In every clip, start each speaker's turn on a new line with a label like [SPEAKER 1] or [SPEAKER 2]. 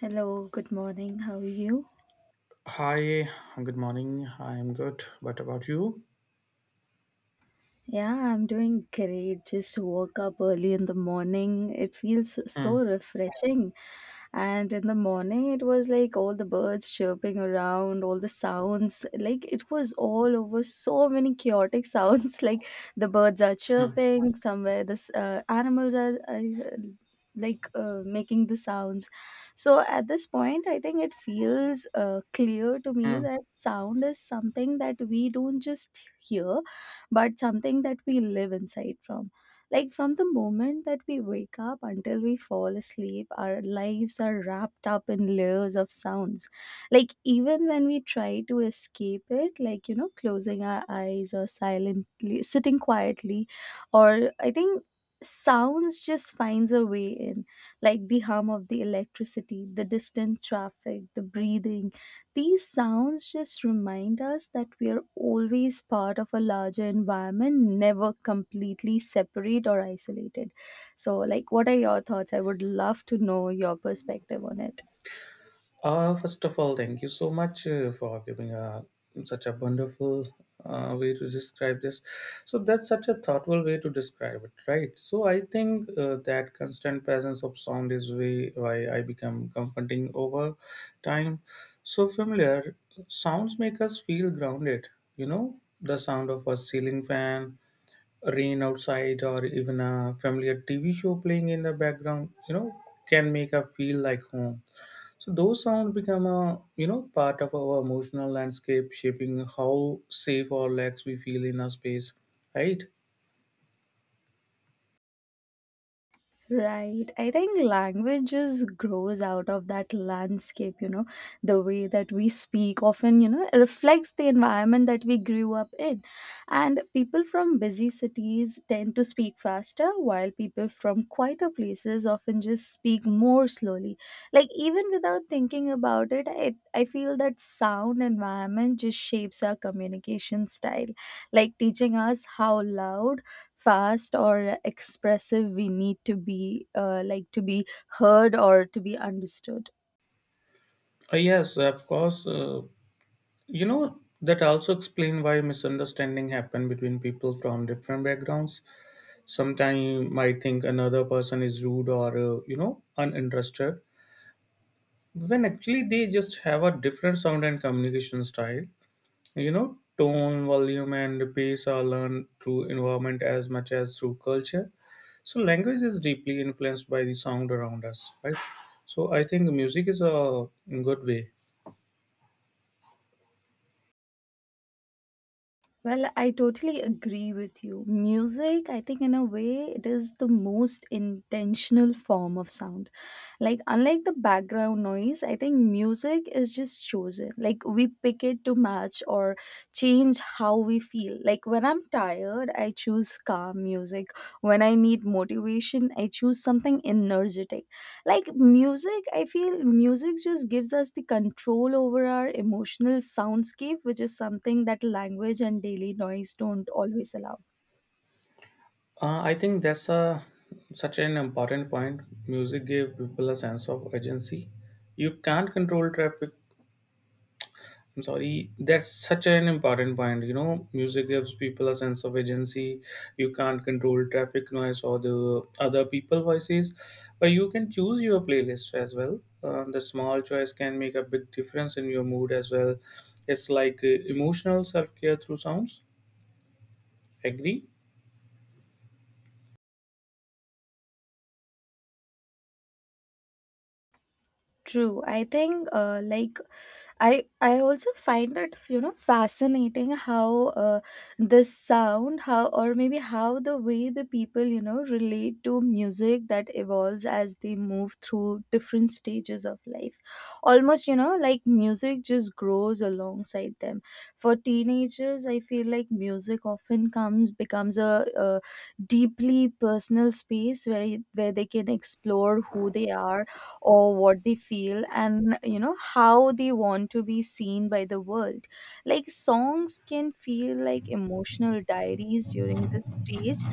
[SPEAKER 1] Hello, good morning. How are you?
[SPEAKER 2] Hi, good morning. I am good. What about you?
[SPEAKER 1] Yeah, I'm doing great. Just woke up early in the morning. It feels
[SPEAKER 2] Hmm,
[SPEAKER 1] so refreshing. And in the morning, it was like all the birds chirping around, all the sounds. Like it was all over so many chaotic sounds. Like the birds are
[SPEAKER 2] hmm,
[SPEAKER 1] chirping somewhere, this animals are. Like making the sounds. So at this point I think it feels clear to me
[SPEAKER 2] hmm.
[SPEAKER 1] that sound is something that we don't just hear but something that we live inside from. Like from the moment that we wake up until we fall asleep, our lives are wrapped up in layers of sounds. Like even when we try to escape it, like closing our eyes or silently sitting quietly. Or I think sounds just finds a way in, like the hum of the electricity, the distant traffic, the breathing. These sounds just remind us that we are always part of a larger environment, never completely separate or isolated. So, like, what are your thoughts? I would love to know your perspective on it.
[SPEAKER 2] First of all, thank you so much for giving such a wonderful way to describe this. So, that's such a thoughtful way to describe it, right? So, I think that constant presence of sound is way why I become comforting over time. So, familiar sounds make us feel grounded, you know, the sound of a ceiling fan rain outside or even a familiar TV show playing in the background, you know, can make us feel like home. So those sounds become a you know part of our emotional landscape, shaping how safe or lax we feel in a space, right?
[SPEAKER 1] Right. I think language just grows out of that landscape. The way that we speak often, reflects the environment that we grew up in. And people from busy cities tend to speak faster, while people from quieter places often just speak more slowly. Like, even without thinking about it, I feel that sound environment just shapes our communication style, like teaching us how loud, fast or expressive we need to be, like to be heard or to be understood.
[SPEAKER 2] Yes, of course. You know that also explain why misunderstanding happen between people from different backgrounds. Sometimes you might think another person is rude or you know uninterested, when actually they just have a different sound and communication style, you know, tone volume and pace are learned through environment as much as through culture. So language is deeply influenced by the sound around us, right? So I think music is a good way.
[SPEAKER 1] Well, I totally agree with you. Music, I think, in a way it is the most intentional form of sound. Like, unlike the background noise, I think music is just chosen. Like we pick it to match or change how we feel. Like when I'm tired I choose calm music. When I need motivation I choose something energetic. Like music, I feel music just gives us the control over our emotional soundscape, which is something that language and daily noise don't always allow.
[SPEAKER 2] I think that's a such an important point. Music gave people a sense of agency. You can't control traffic. I'm sorry, that's such an important point. You know, music gives people a sense of agency. You can't control traffic noise or the other people voices, but you can choose your playlist as well. The small choice can make a big difference in your mood as well. It's like emotional self care through sounds. Agree?
[SPEAKER 1] True. I think, like I also find it fascinating how, uh, this sound, how or maybe how, the way the people relate to music, that evolves as they move through different stages of life. Almost, like music just grows alongside them. For teenagers, I feel like music often comes becomes a deeply personal space where they can explore who they are, or what they feel, and how they want to be seen by the world. Like songs can feel like emotional diaries during this stage.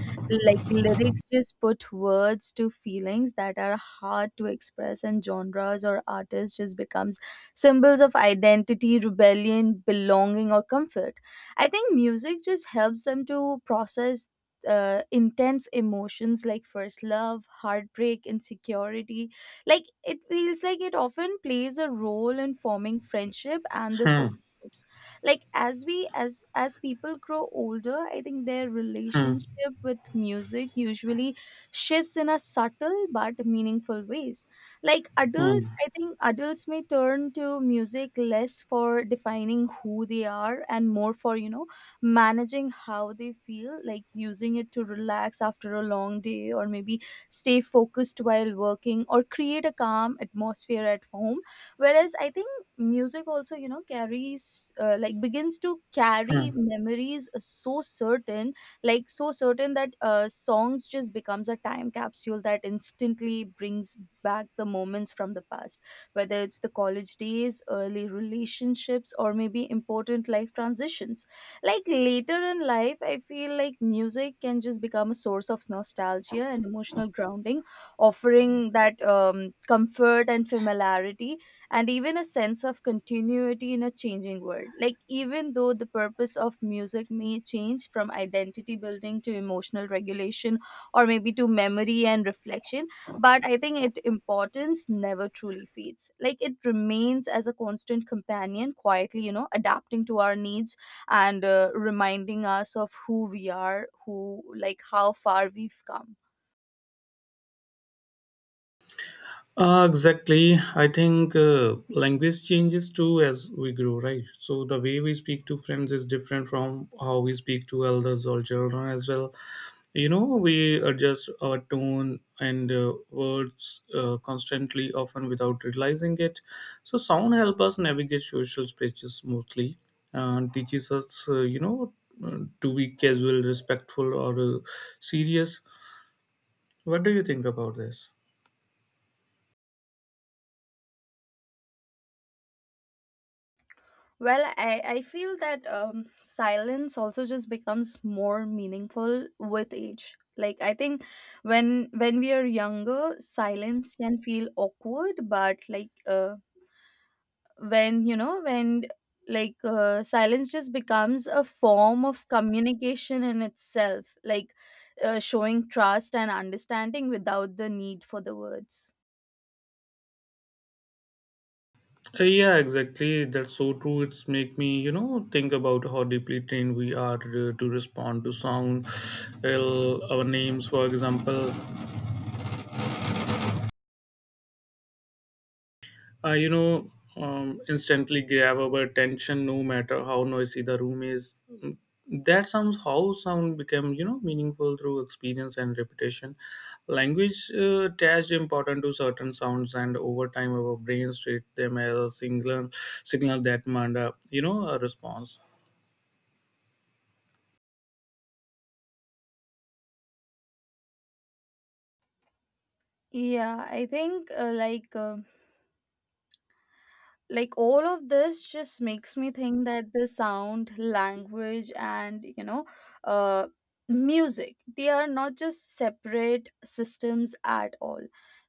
[SPEAKER 1] Like lyrics just put words to feelings that are hard to express, and genres or artists just becomes symbols of identity, rebellion, belonging or comfort. I think music just helps them to process intense emotions like first love, heartbreak, insecurity. Like it feels like it often plays a role in forming friendship and the social
[SPEAKER 2] Hmm,
[SPEAKER 1] groups. Like as we as people grow older, I think their
[SPEAKER 2] hmm,
[SPEAKER 1] relationship with music usually shifts in a subtle but meaningful ways. Like adults,
[SPEAKER 2] hmm,
[SPEAKER 1] I think adults may turn to music less for defining who they are, and more for, managing how they feel. Like using it to relax after a long day, or maybe stay focused while working, or create a calm atmosphere at home. Whereas I think music also, carries like begins to
[SPEAKER 2] hmm.
[SPEAKER 1] carry memories, so certain, like so certain that songs just becomes a time capsule that instantly brings back the moments from the past, whether it's the college days, early relationships, or maybe important life transitions. Like later in life, I feel like music can just become a source of nostalgia and emotional grounding, offering that comfort and familiarity, and even a sense of continuity in a changing world. Like, even though the purpose of music may change from identity building to emotional regulation, or maybe to memory and reflection, but I think its importance never truly fades. Like, it remains as a constant companion, quietly, adapting to our needs, and reminding us of who we are, who like how far we've come.
[SPEAKER 2] Exactly. I think language changes too as we grow, right? So the way we speak to friends is different from how we speak to elders or children as well. You know, we adjust our tone and words constantly, often without realizing it. So sound help us navigate social spaces smoothly and teaches us, you know, to be casual, respectful, or serious. What do you think about this?
[SPEAKER 1] Well, I feel that silence also just becomes more meaningful with age. Like I think when we are younger silence can feel awkward. But like, when you know when like silence just becomes a form of communication in itself. Like, showing trust and understanding without the need for the words.
[SPEAKER 2] Yeah, exactly. That's so true. It's make me, you know, think about how deeply trained we are to respond to sound. Well, our names, for example. You know, instantly grab our attention, no matter how noisy the room is. Mm. That sounds how sound become, you know, meaningful through experience and repetition. Language attached important to certain sounds, and over time, our brains treat them as a singular signal that demand, a, you know, a response.
[SPEAKER 1] Yeah, I think, like all of this just makes me think that the sound, language, and uh music, they are not just separate systems at all.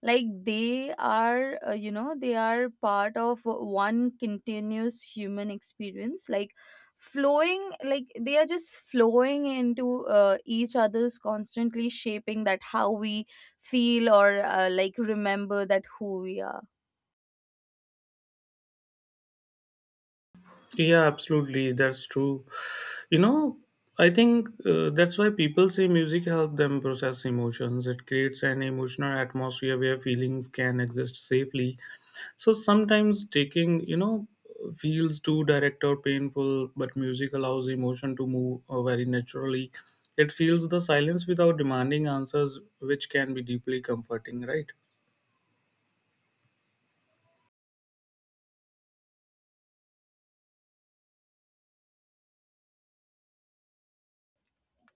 [SPEAKER 1] Like they are part of one continuous human experience. Like flowing like they are just flowing into each other's, constantly shaping that how we feel, or like remember that who we are.
[SPEAKER 2] Yeah, absolutely. That's true. You know, I think that's why people say music helps them process emotions. It creates an emotional atmosphere where feelings can exist safely. So sometimes taking, you know, feels too direct or painful, but music allows emotion to move very naturally. It feels the silence without demanding answers, which can be deeply comforting, right?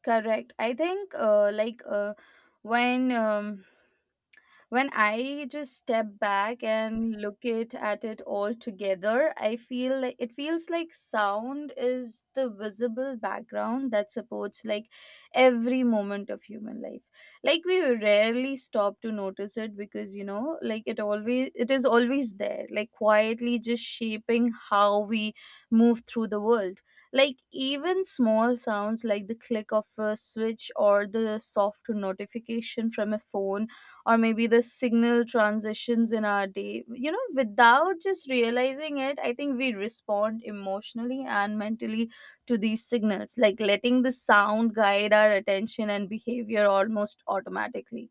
[SPEAKER 1] Correct. I think, when um, when I just step back and look it at it all together, I feel like it feels like sound is the visible background that supports like every moment of human life. Like we rarely stop to notice it because, like it is always there, like quietly just shaping how we move through the world. Like even small sounds, like the click of a switch, or the soft notification from a phone, or maybe the signal transitions in our day. You know, without just realizing it, I think we respond emotionally and mentally to these signals, like letting the sound guide our attention and behavior almost automatically.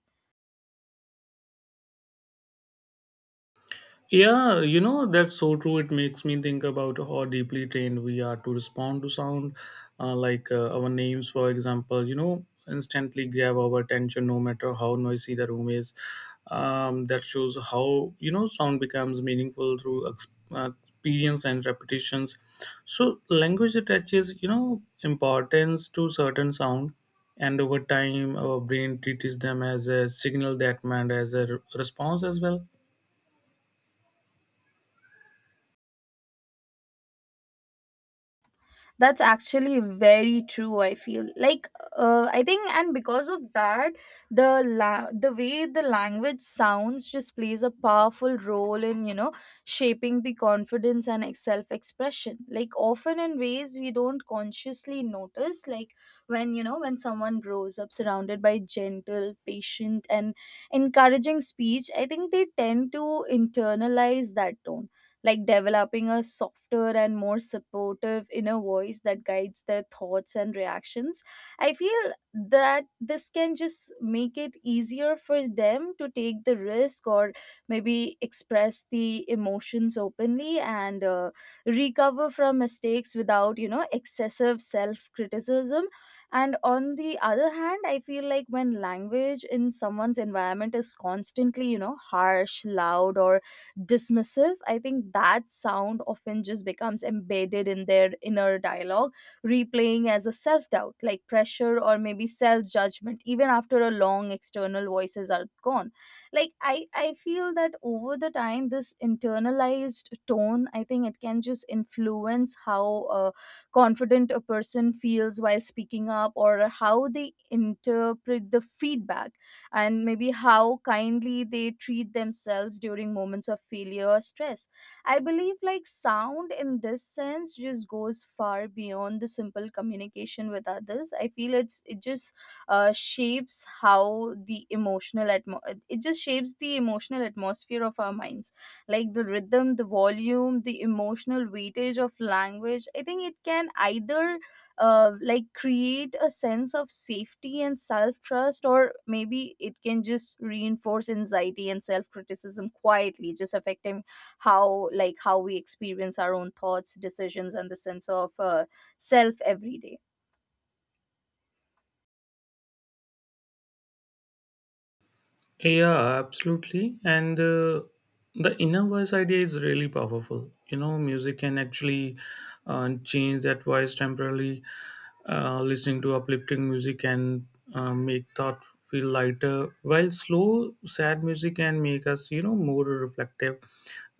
[SPEAKER 2] Yeah, you know, that's so true. It makes me think about how deeply trained we are to respond to sound, our names, for example, you know, instantly grab our attention no matter how noisy the room is. That shows how, you know, sound becomes meaningful through experience and repetitions. So, language attaches, you know, importance to certain sound. And over time, our brain treats them as a signal that meant as a response as well.
[SPEAKER 1] That's actually very true. I feel like, I think, and because of that, the way the language sounds just plays a powerful role in, shaping the confidence and self expression, like often in ways we don't consciously notice. Like when you know when someone grows up surrounded by gentle, patient and encouraging speech, I think they tend to internalize that tone, like developing a softer and more supportive inner voice that guides their thoughts and reactions. I feel that this can just make it easier for them to take the risk, or maybe express the emotions openly, and recover from mistakes without, excessive self criticism. And on the other hand, I feel like when language in someone's environment is constantly, harsh, loud, or dismissive, I think that sound often just becomes embedded in their inner dialogue, replaying as a self doubt, like pressure or maybe self judgment, even after a long external voices are gone. Like I feel that over the time this internalized tone, I think, it can just influence how confident a person feels while speaking up, or how they interpret the feedback, and maybe how kindly they treat themselves during moments of failure or stress. I believe like sound in this sense just goes far beyond the simple communication with others. I feel uh, shapes how the emotional atmo- it just shapes the emotional atmosphere of our minds. Like the rhythm, the volume, the emotional weightage of language. I think it can either like create a sense of safety and self trust, or maybe it can just reinforce anxiety and self criticism quietly, just affecting how we experience our own thoughts, decisions, and the sense of self every day.
[SPEAKER 2] Yeah, absolutely. And the inner voice idea is really powerful. You know, music can actually change that voice temporarily. Listening to uplifting music can make thought feel lighter, while slow, sad music can make us, you know, more reflective.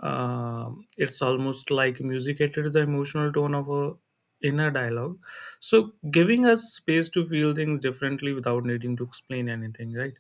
[SPEAKER 2] Um, it's almost like music enters the emotional tone of a inner dialogue. So, giving us space to feel things differently without needing to explain anything, right?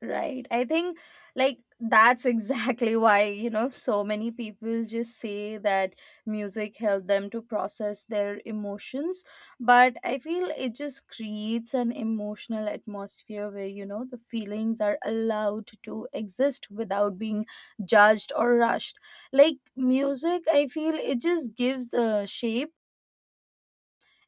[SPEAKER 1] Right. I think like that's exactly why, so many people just say that music helped them to process their emotions. But I feel it just creates an emotional atmosphere where, the feelings are allowed to exist without being judged or rushed. Like music, I feel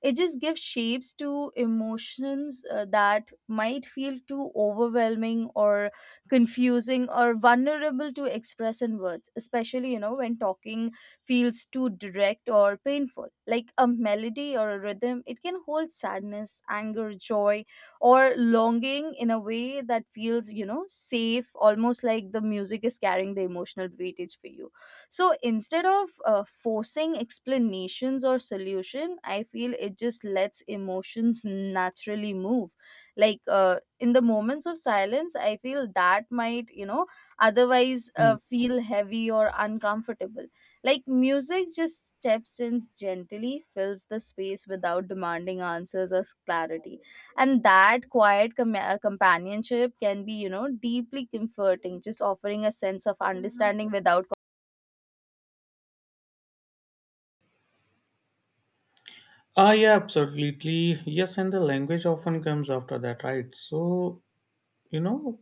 [SPEAKER 1] it just gives shapes to emotions that might feel too overwhelming or confusing or vulnerable to express in words, especially, when talking feels too direct or painful. Like a melody or a rhythm, it can hold sadness, anger, joy, or longing in a way that feels, you know, safe, almost like the music is carrying the emotional weightage for you. So instead of forcing explanations or solution, I feel it just lets emotions naturally move, like in the moments of silence. I feel that might, you know, otherwise feel heavy or uncomfortable. Like music just steps in, gently fills the space without demanding answers or clarity, and that quiet companionship can be, you know, deeply comforting, just offering a sense of understanding without.
[SPEAKER 2] Ah, yeah, absolutely. Yes, and the language often comes after that, right? So, you know,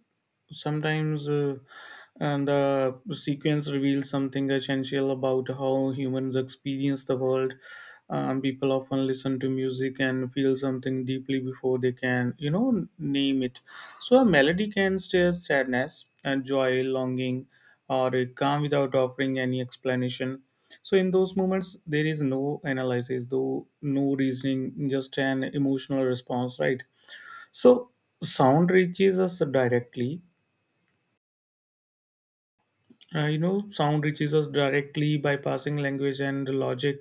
[SPEAKER 2] sometimes and the sequence reveals something essential about how humans experience the world. People often listen to music and feel something deeply before they can, you know, name it. So a melody can stir sadness and joy, longing, or a calm without offering any explanation. So in those moments, there is no analysis, though no reasoning, just an emotional response, right? So sound reaches us directly. You know, sound reaches us directly bypassing language and logic,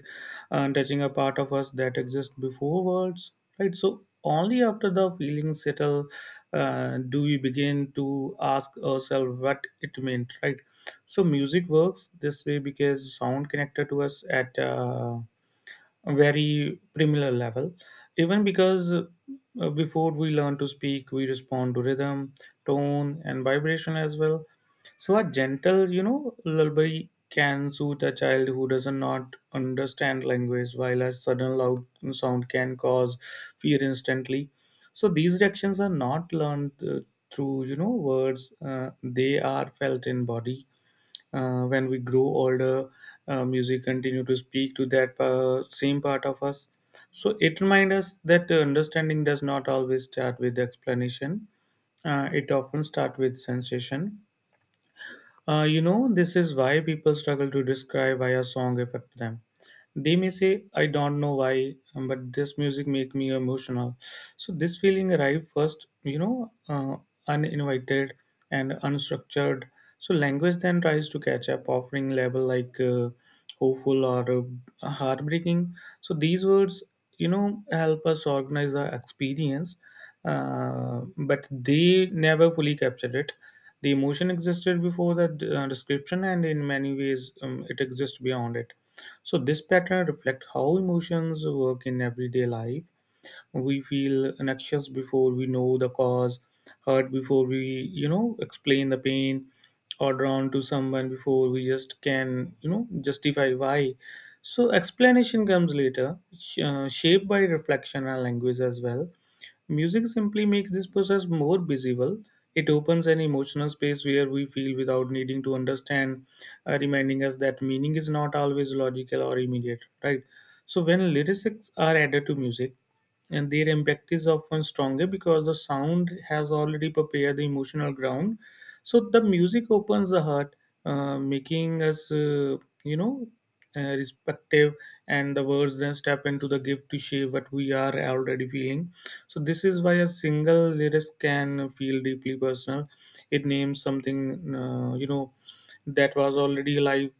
[SPEAKER 2] and touching a part of us that exists before words, right? So, only after the feelings settle, do we begin to ask ourselves what it meant, right? So, music works this way because sound connected to us at very primitive level, even because before we learn to speak we respond to rhythm, tone and vibration as well. So a gentle, you know, lullaby can soothe a child who does not understand language, while a sudden loud sound can cause fear instantly. So these reactions are not learned through you know words, they are felt in body. When we grow older, music continue to speak to that same part of us. So it reminds us that the understanding does not always start with explanation. It often starts with sensation. Uh, you know, this is why people struggle to describe why a song affects them. They may say, "I don't know why, but this music make me emotional." So this feeling arrive first, you know, uninvited and unstructured. So language then tries to catch up, offering label like hopeful or heartbreaking. So these words, you know, help us organize our experience, but they never fully captured it. The emotion existed before the description, and in many ways, it exists beyond it. So this pattern reflects how emotions work in everyday life. We feel anxious before we know the cause, hurt before we you know explain the pain, or drawn to someone before we just can you know justify why. So explanation comes later, shaped by reflection and language as well. Music simply makes this process more visible. It opens an emotional space where we feel without needing to understand, reminding us that meaning is not always logical or immediate, right? So when lyrics are added to music, and their impact is often stronger because the sound has already prepared the emotional ground. So the music opens the heart, making us you know, respective, and the words then step into the gift to shape what we are already feeling. So this is why a single lyrics can feel deeply personal. It names something you know, that was already alive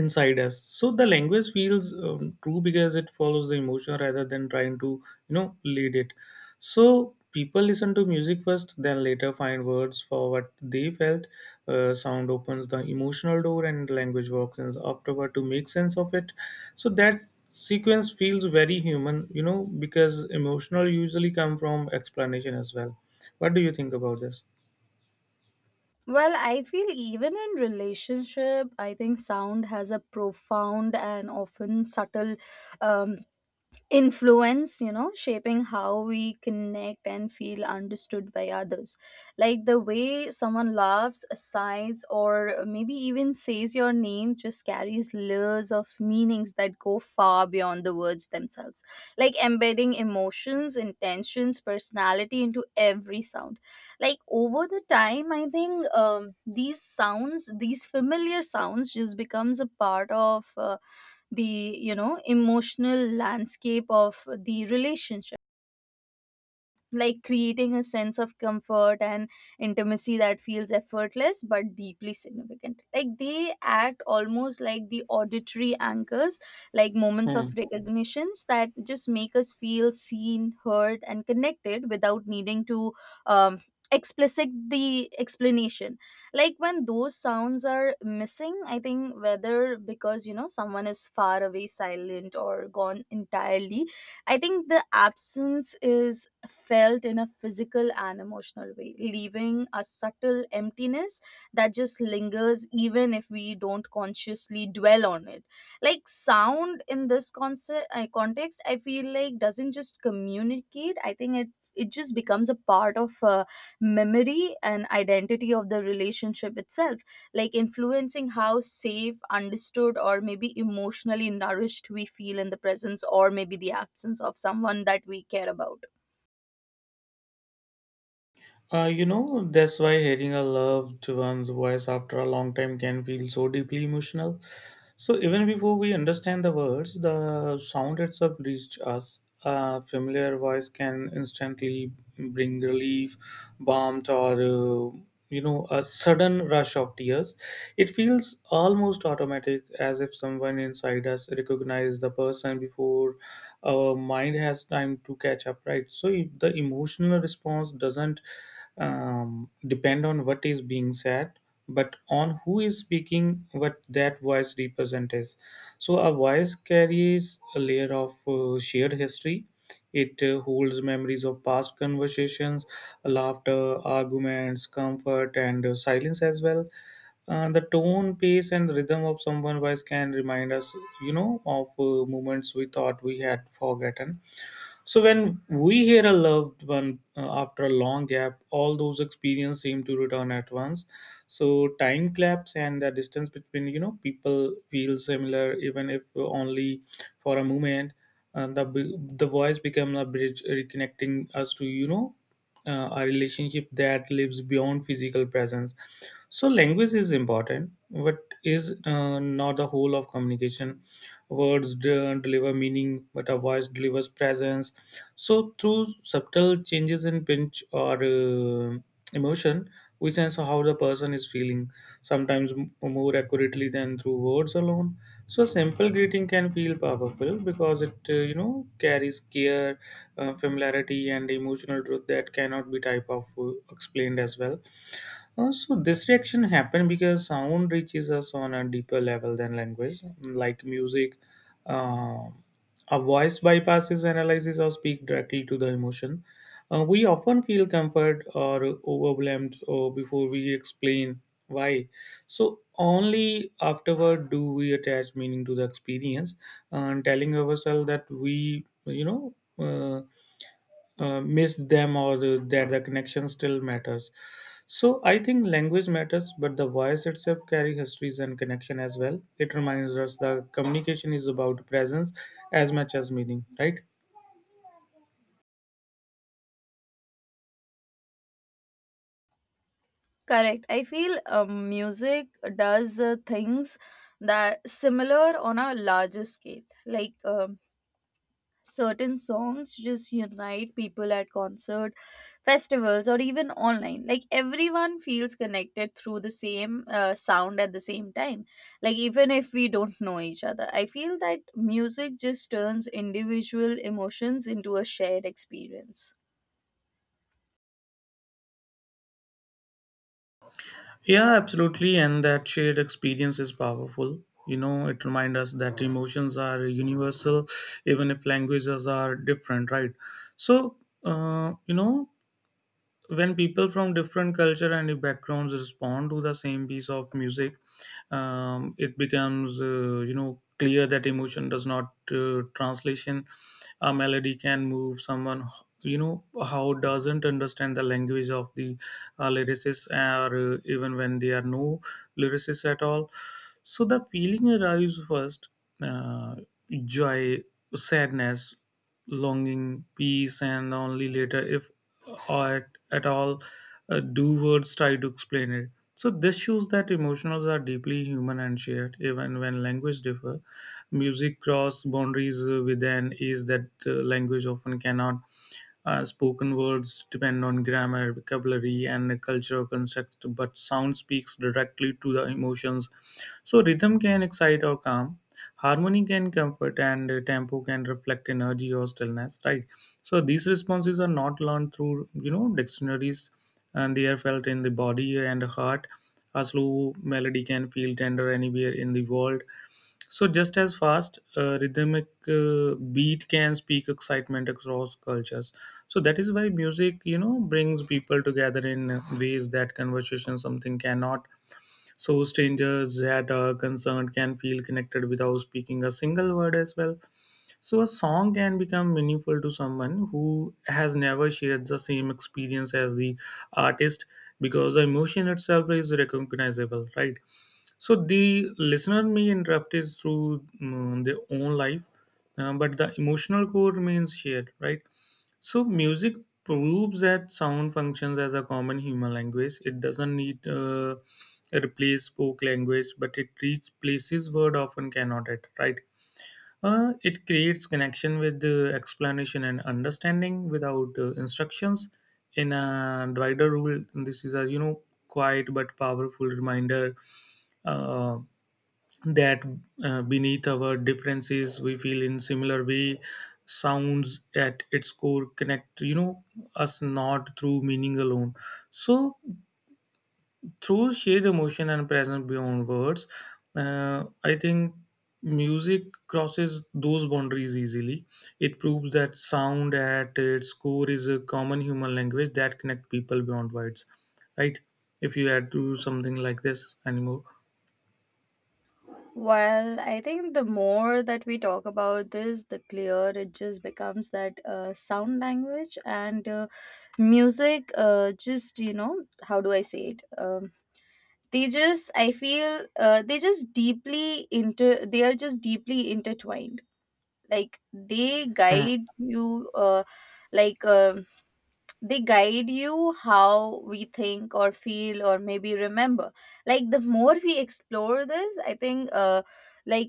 [SPEAKER 2] inside us. So the language feels true because it follows the emotion rather than trying to you know lead it. So people listen to music first then later find words for what they felt. Sound opens the emotional door and language walks in afterward to make sense of it. So that sequence feels very human, you know, because emotional usually come from explanation as well. What do you think about this?
[SPEAKER 1] Well, I feel even in relationship, I think sound has a profound and often subtle um, influence, you know, shaping how we connect and feel understood by others. Like the way someone laughs, sighs, or maybe even says your name just carries layers of meanings that go far beyond the words themselves, like embedding emotions, intentions, personality into every sound. Like over the time, I think these sounds, these familiar sounds just becomes a part of the, you know, emotional landscape of the relationship, like creating a sense of comfort and intimacy that feels effortless but deeply significant. Like they act almost like the auditory anchors, like moments of recognitions that just make us feel seen, heard, and connected without needing to um, explicit the explanation. Like when those sounds are missing, I think whether because, you know, someone is far away, silent, or gone entirely, I think the absence is felt in a physical and emotional way, leaving a subtle emptiness that just lingers even if we don't consciously dwell on it. Like sound in this concept context, I feel like doesn't just communicate. I think it just becomes a part of memory and identity of the relationship itself, like influencing how safe, understood, or maybe emotionally nourished we feel in the presence or maybe the absence of someone that we care about.
[SPEAKER 2] You know, that's why hearing a loved one's voice after a long time can feel so deeply emotional. So, even before we understand the words, the sound itself reached us. A familiar voice can instantly bring relief, balm, or you know, a sudden rush of tears. It feels almost automatic as if someone inside us recognizes the person before our mind has time to catch up, right? So if the emotional response doesn't depend on what is being said, but on who is speaking what that voice represents. So a voice carries a layer of shared history. It holds memories of past conversations, laughter, arguments, comfort, and silence as well. The tone, pace, and rhythm of someone voice can remind us, you know, of moments we thought we had forgotten. So when we hear a loved one after a long gap, all those experiences seem to return at once. So time claps and the distance between you know people feel similar, even if only for a moment. The the voice become a bridge reconnecting us to you know a relationship that lives beyond physical presence. So language is important, but is not the whole of communication. Words don't deliver meaning, but a voice delivers presence. So, through subtle changes in pinch or emotion, we sense how the person is feeling, sometimes more accurately than through words alone. So, a simple greeting can feel powerful because it, you know, carries care, familiarity, and emotional truth that cannot be type of explained as well. Also, this reaction happened because sound reaches us on a deeper level than language, like music. Uh, a voice bypasses analysis or speak directly to the emotion. We often feel comfort or overwhelmed or before we explain why. So only afterward do we attach meaning to the experience and telling ourselves that missed them or the connection still matters. So I think language matters, but the voice itself carry histories and connection as well. It reminds us that communication is about presence as much as meaning, right?
[SPEAKER 1] Correct. I feel music does things that similar on a larger scale. Like certain songs just unite people at concert, festivals, or even online. Like everyone feels connected through the same sound at the same time. Like even if we don't know each other, I feel that music just turns individual emotions into a shared experience.
[SPEAKER 2] Yeah, absolutely. And that shared experience is powerful. You know, it reminds us that emotions are universal, even if languages are different, right? So, uh, you know, when people from different culture and backgrounds respond to the same piece of music it becomes clear that emotion does not translation. A melody can move someone you know how doesn't understand the language of the lyricist or even when they are no lyricists at all. So the feeling arrives first, uh, joy, sadness, longing, peace, and only later, if at all, do words try to explain it. So this shows that emotions are deeply human and shared, even when language differ. Music cross boundaries with an ease that language often cannot. Spoken words depend on grammar, vocabulary, and cultural construct, but sound speaks directly to the emotions. So, rhythm can excite or calm, harmony can comfort, and tempo can reflect energy or stillness, right? So, these responses are not learned through, you know, dictionaries, and they are felt in the body and heart. A slow melody can feel tender anywhere in the world, so just as fast, rhythmic beat can speak excitement across cultures. So that is why music, you know, brings people together in ways that conversation something cannot. So strangers that are concerned can feel connected without speaking a single word as well. So a song can become meaningful to someone who has never shared the same experience as the artist because the emotion itself is recognizable, right? So the listener may interrupt is through their own life, but the emotional core remains shared, right? So music proves that sound functions as a common human language. It doesn't need a replace spoke language, but it reaches places word often cannot at, right? It creates connection with the explanation and understanding without instructions. In a wider rule, this is a you know quiet but powerful reminder. Uh, that beneath our differences we feel in similar way. Sounds at its core connect, you know, us not through meaning alone, so through shared emotion and presence beyond words. I think music crosses those boundaries easily. It proves that sound at its core is a common human language that connect people beyond words, right? If you add to something like this anymore.
[SPEAKER 1] Well, I think the more that we talk about this, the clearer it just becomes that sound, language, and music, just, you know, how do I say it? They just, I feel, they just they are just deeply intertwined. Like they guide you, like they guide you how we think or feel or maybe remember. Like the more we explore this, I think, like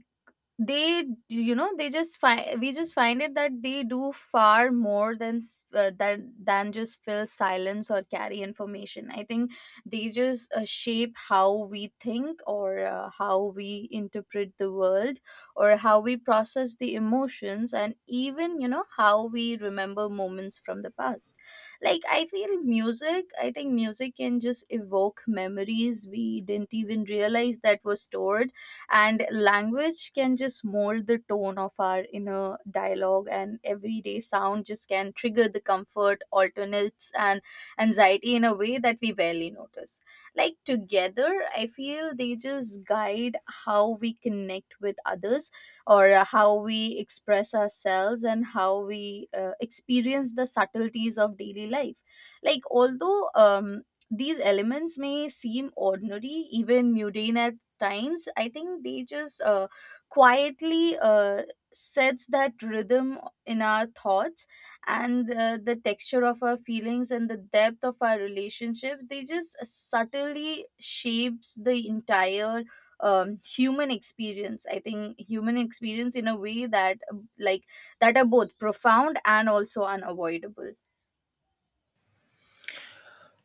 [SPEAKER 1] they, you know, they just find we just find it that they do far more than than just fill silence or carry information. I think they just shape how we think, or how we interpret the world, or how we process the emotions, and even, you know, how we remember moments from the past. Like I feel music I think music can just evoke memories we didn't even realize that were stored. And language can just mold the tone of our inner dialogue, and everyday sound just can trigger the comfort alternates and anxiety in a way that we barely notice. Like together, I feel they just guide how we connect with others, or how we express ourselves, and how we experience the subtleties of daily life. Like although these elements may seem ordinary, even mundane at times, I think they just quietly sets that rhythm in our thoughts, and the texture of our feelings, and the depth of our relationships. They just subtly shapes the entire human experience in a way that like that are both profound and also unavoidable.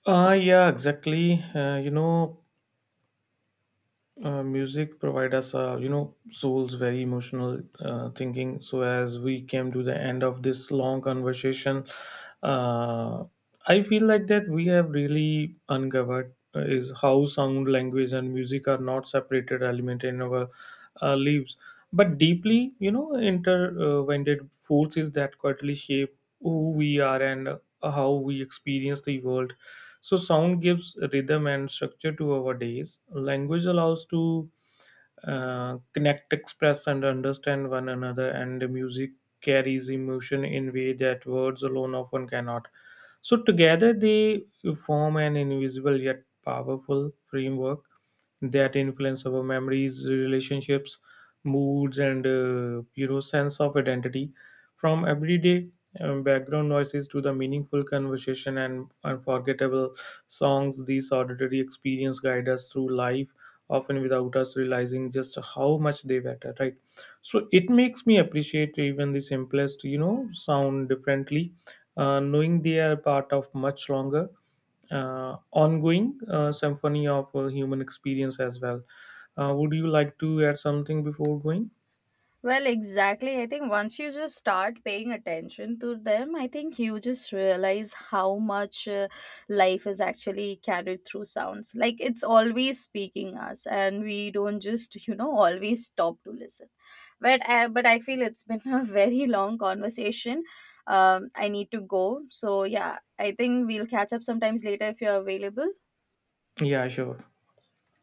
[SPEAKER 2] Yeah, exactly. Music provide us, you know, souls very emotional thinking. So as we came to the end of this long conversation, uh, I feel like that we have really uncovered is how sound, language, and music are not separated element in our lives, but deeply, you know, intertwined forces that quietly shape who we are and how we experience the world. So sound gives rhythm and structure to our days. Language allows to connect, express, and understand one another. And the music carries emotion in way that words alone often cannot. So together they form an invisible yet powerful framework that influence our memories, relationships, moods, and you know, sense of identity. From everyday background noises to the meaningful conversation and unforgettable songs, these auditory experience guide us through life often without us realizing just how much they matter, right? So it makes me appreciate even the simplest you know sound differently, knowing they are part of much longer, ongoing symphony of human experience as well. Would you like to add something before going?
[SPEAKER 1] Well, exactly. I think once you just start paying attention to them, I think you just realize how much life is actually carried through sounds. Like it's always speaking us, and we don't just, you know, always stop to listen. But I feel it's been a very long conversation. I need to go. So yeah, I think we'll catch up sometimes later if you're available.
[SPEAKER 2] Yeah, sure.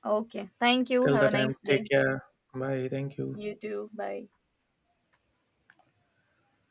[SPEAKER 1] Okay. Thank you.
[SPEAKER 2] Till
[SPEAKER 1] Have
[SPEAKER 2] the
[SPEAKER 1] a nice
[SPEAKER 2] time,
[SPEAKER 1] day.
[SPEAKER 2] take care. Bye. Thank you.
[SPEAKER 1] You too. Bye.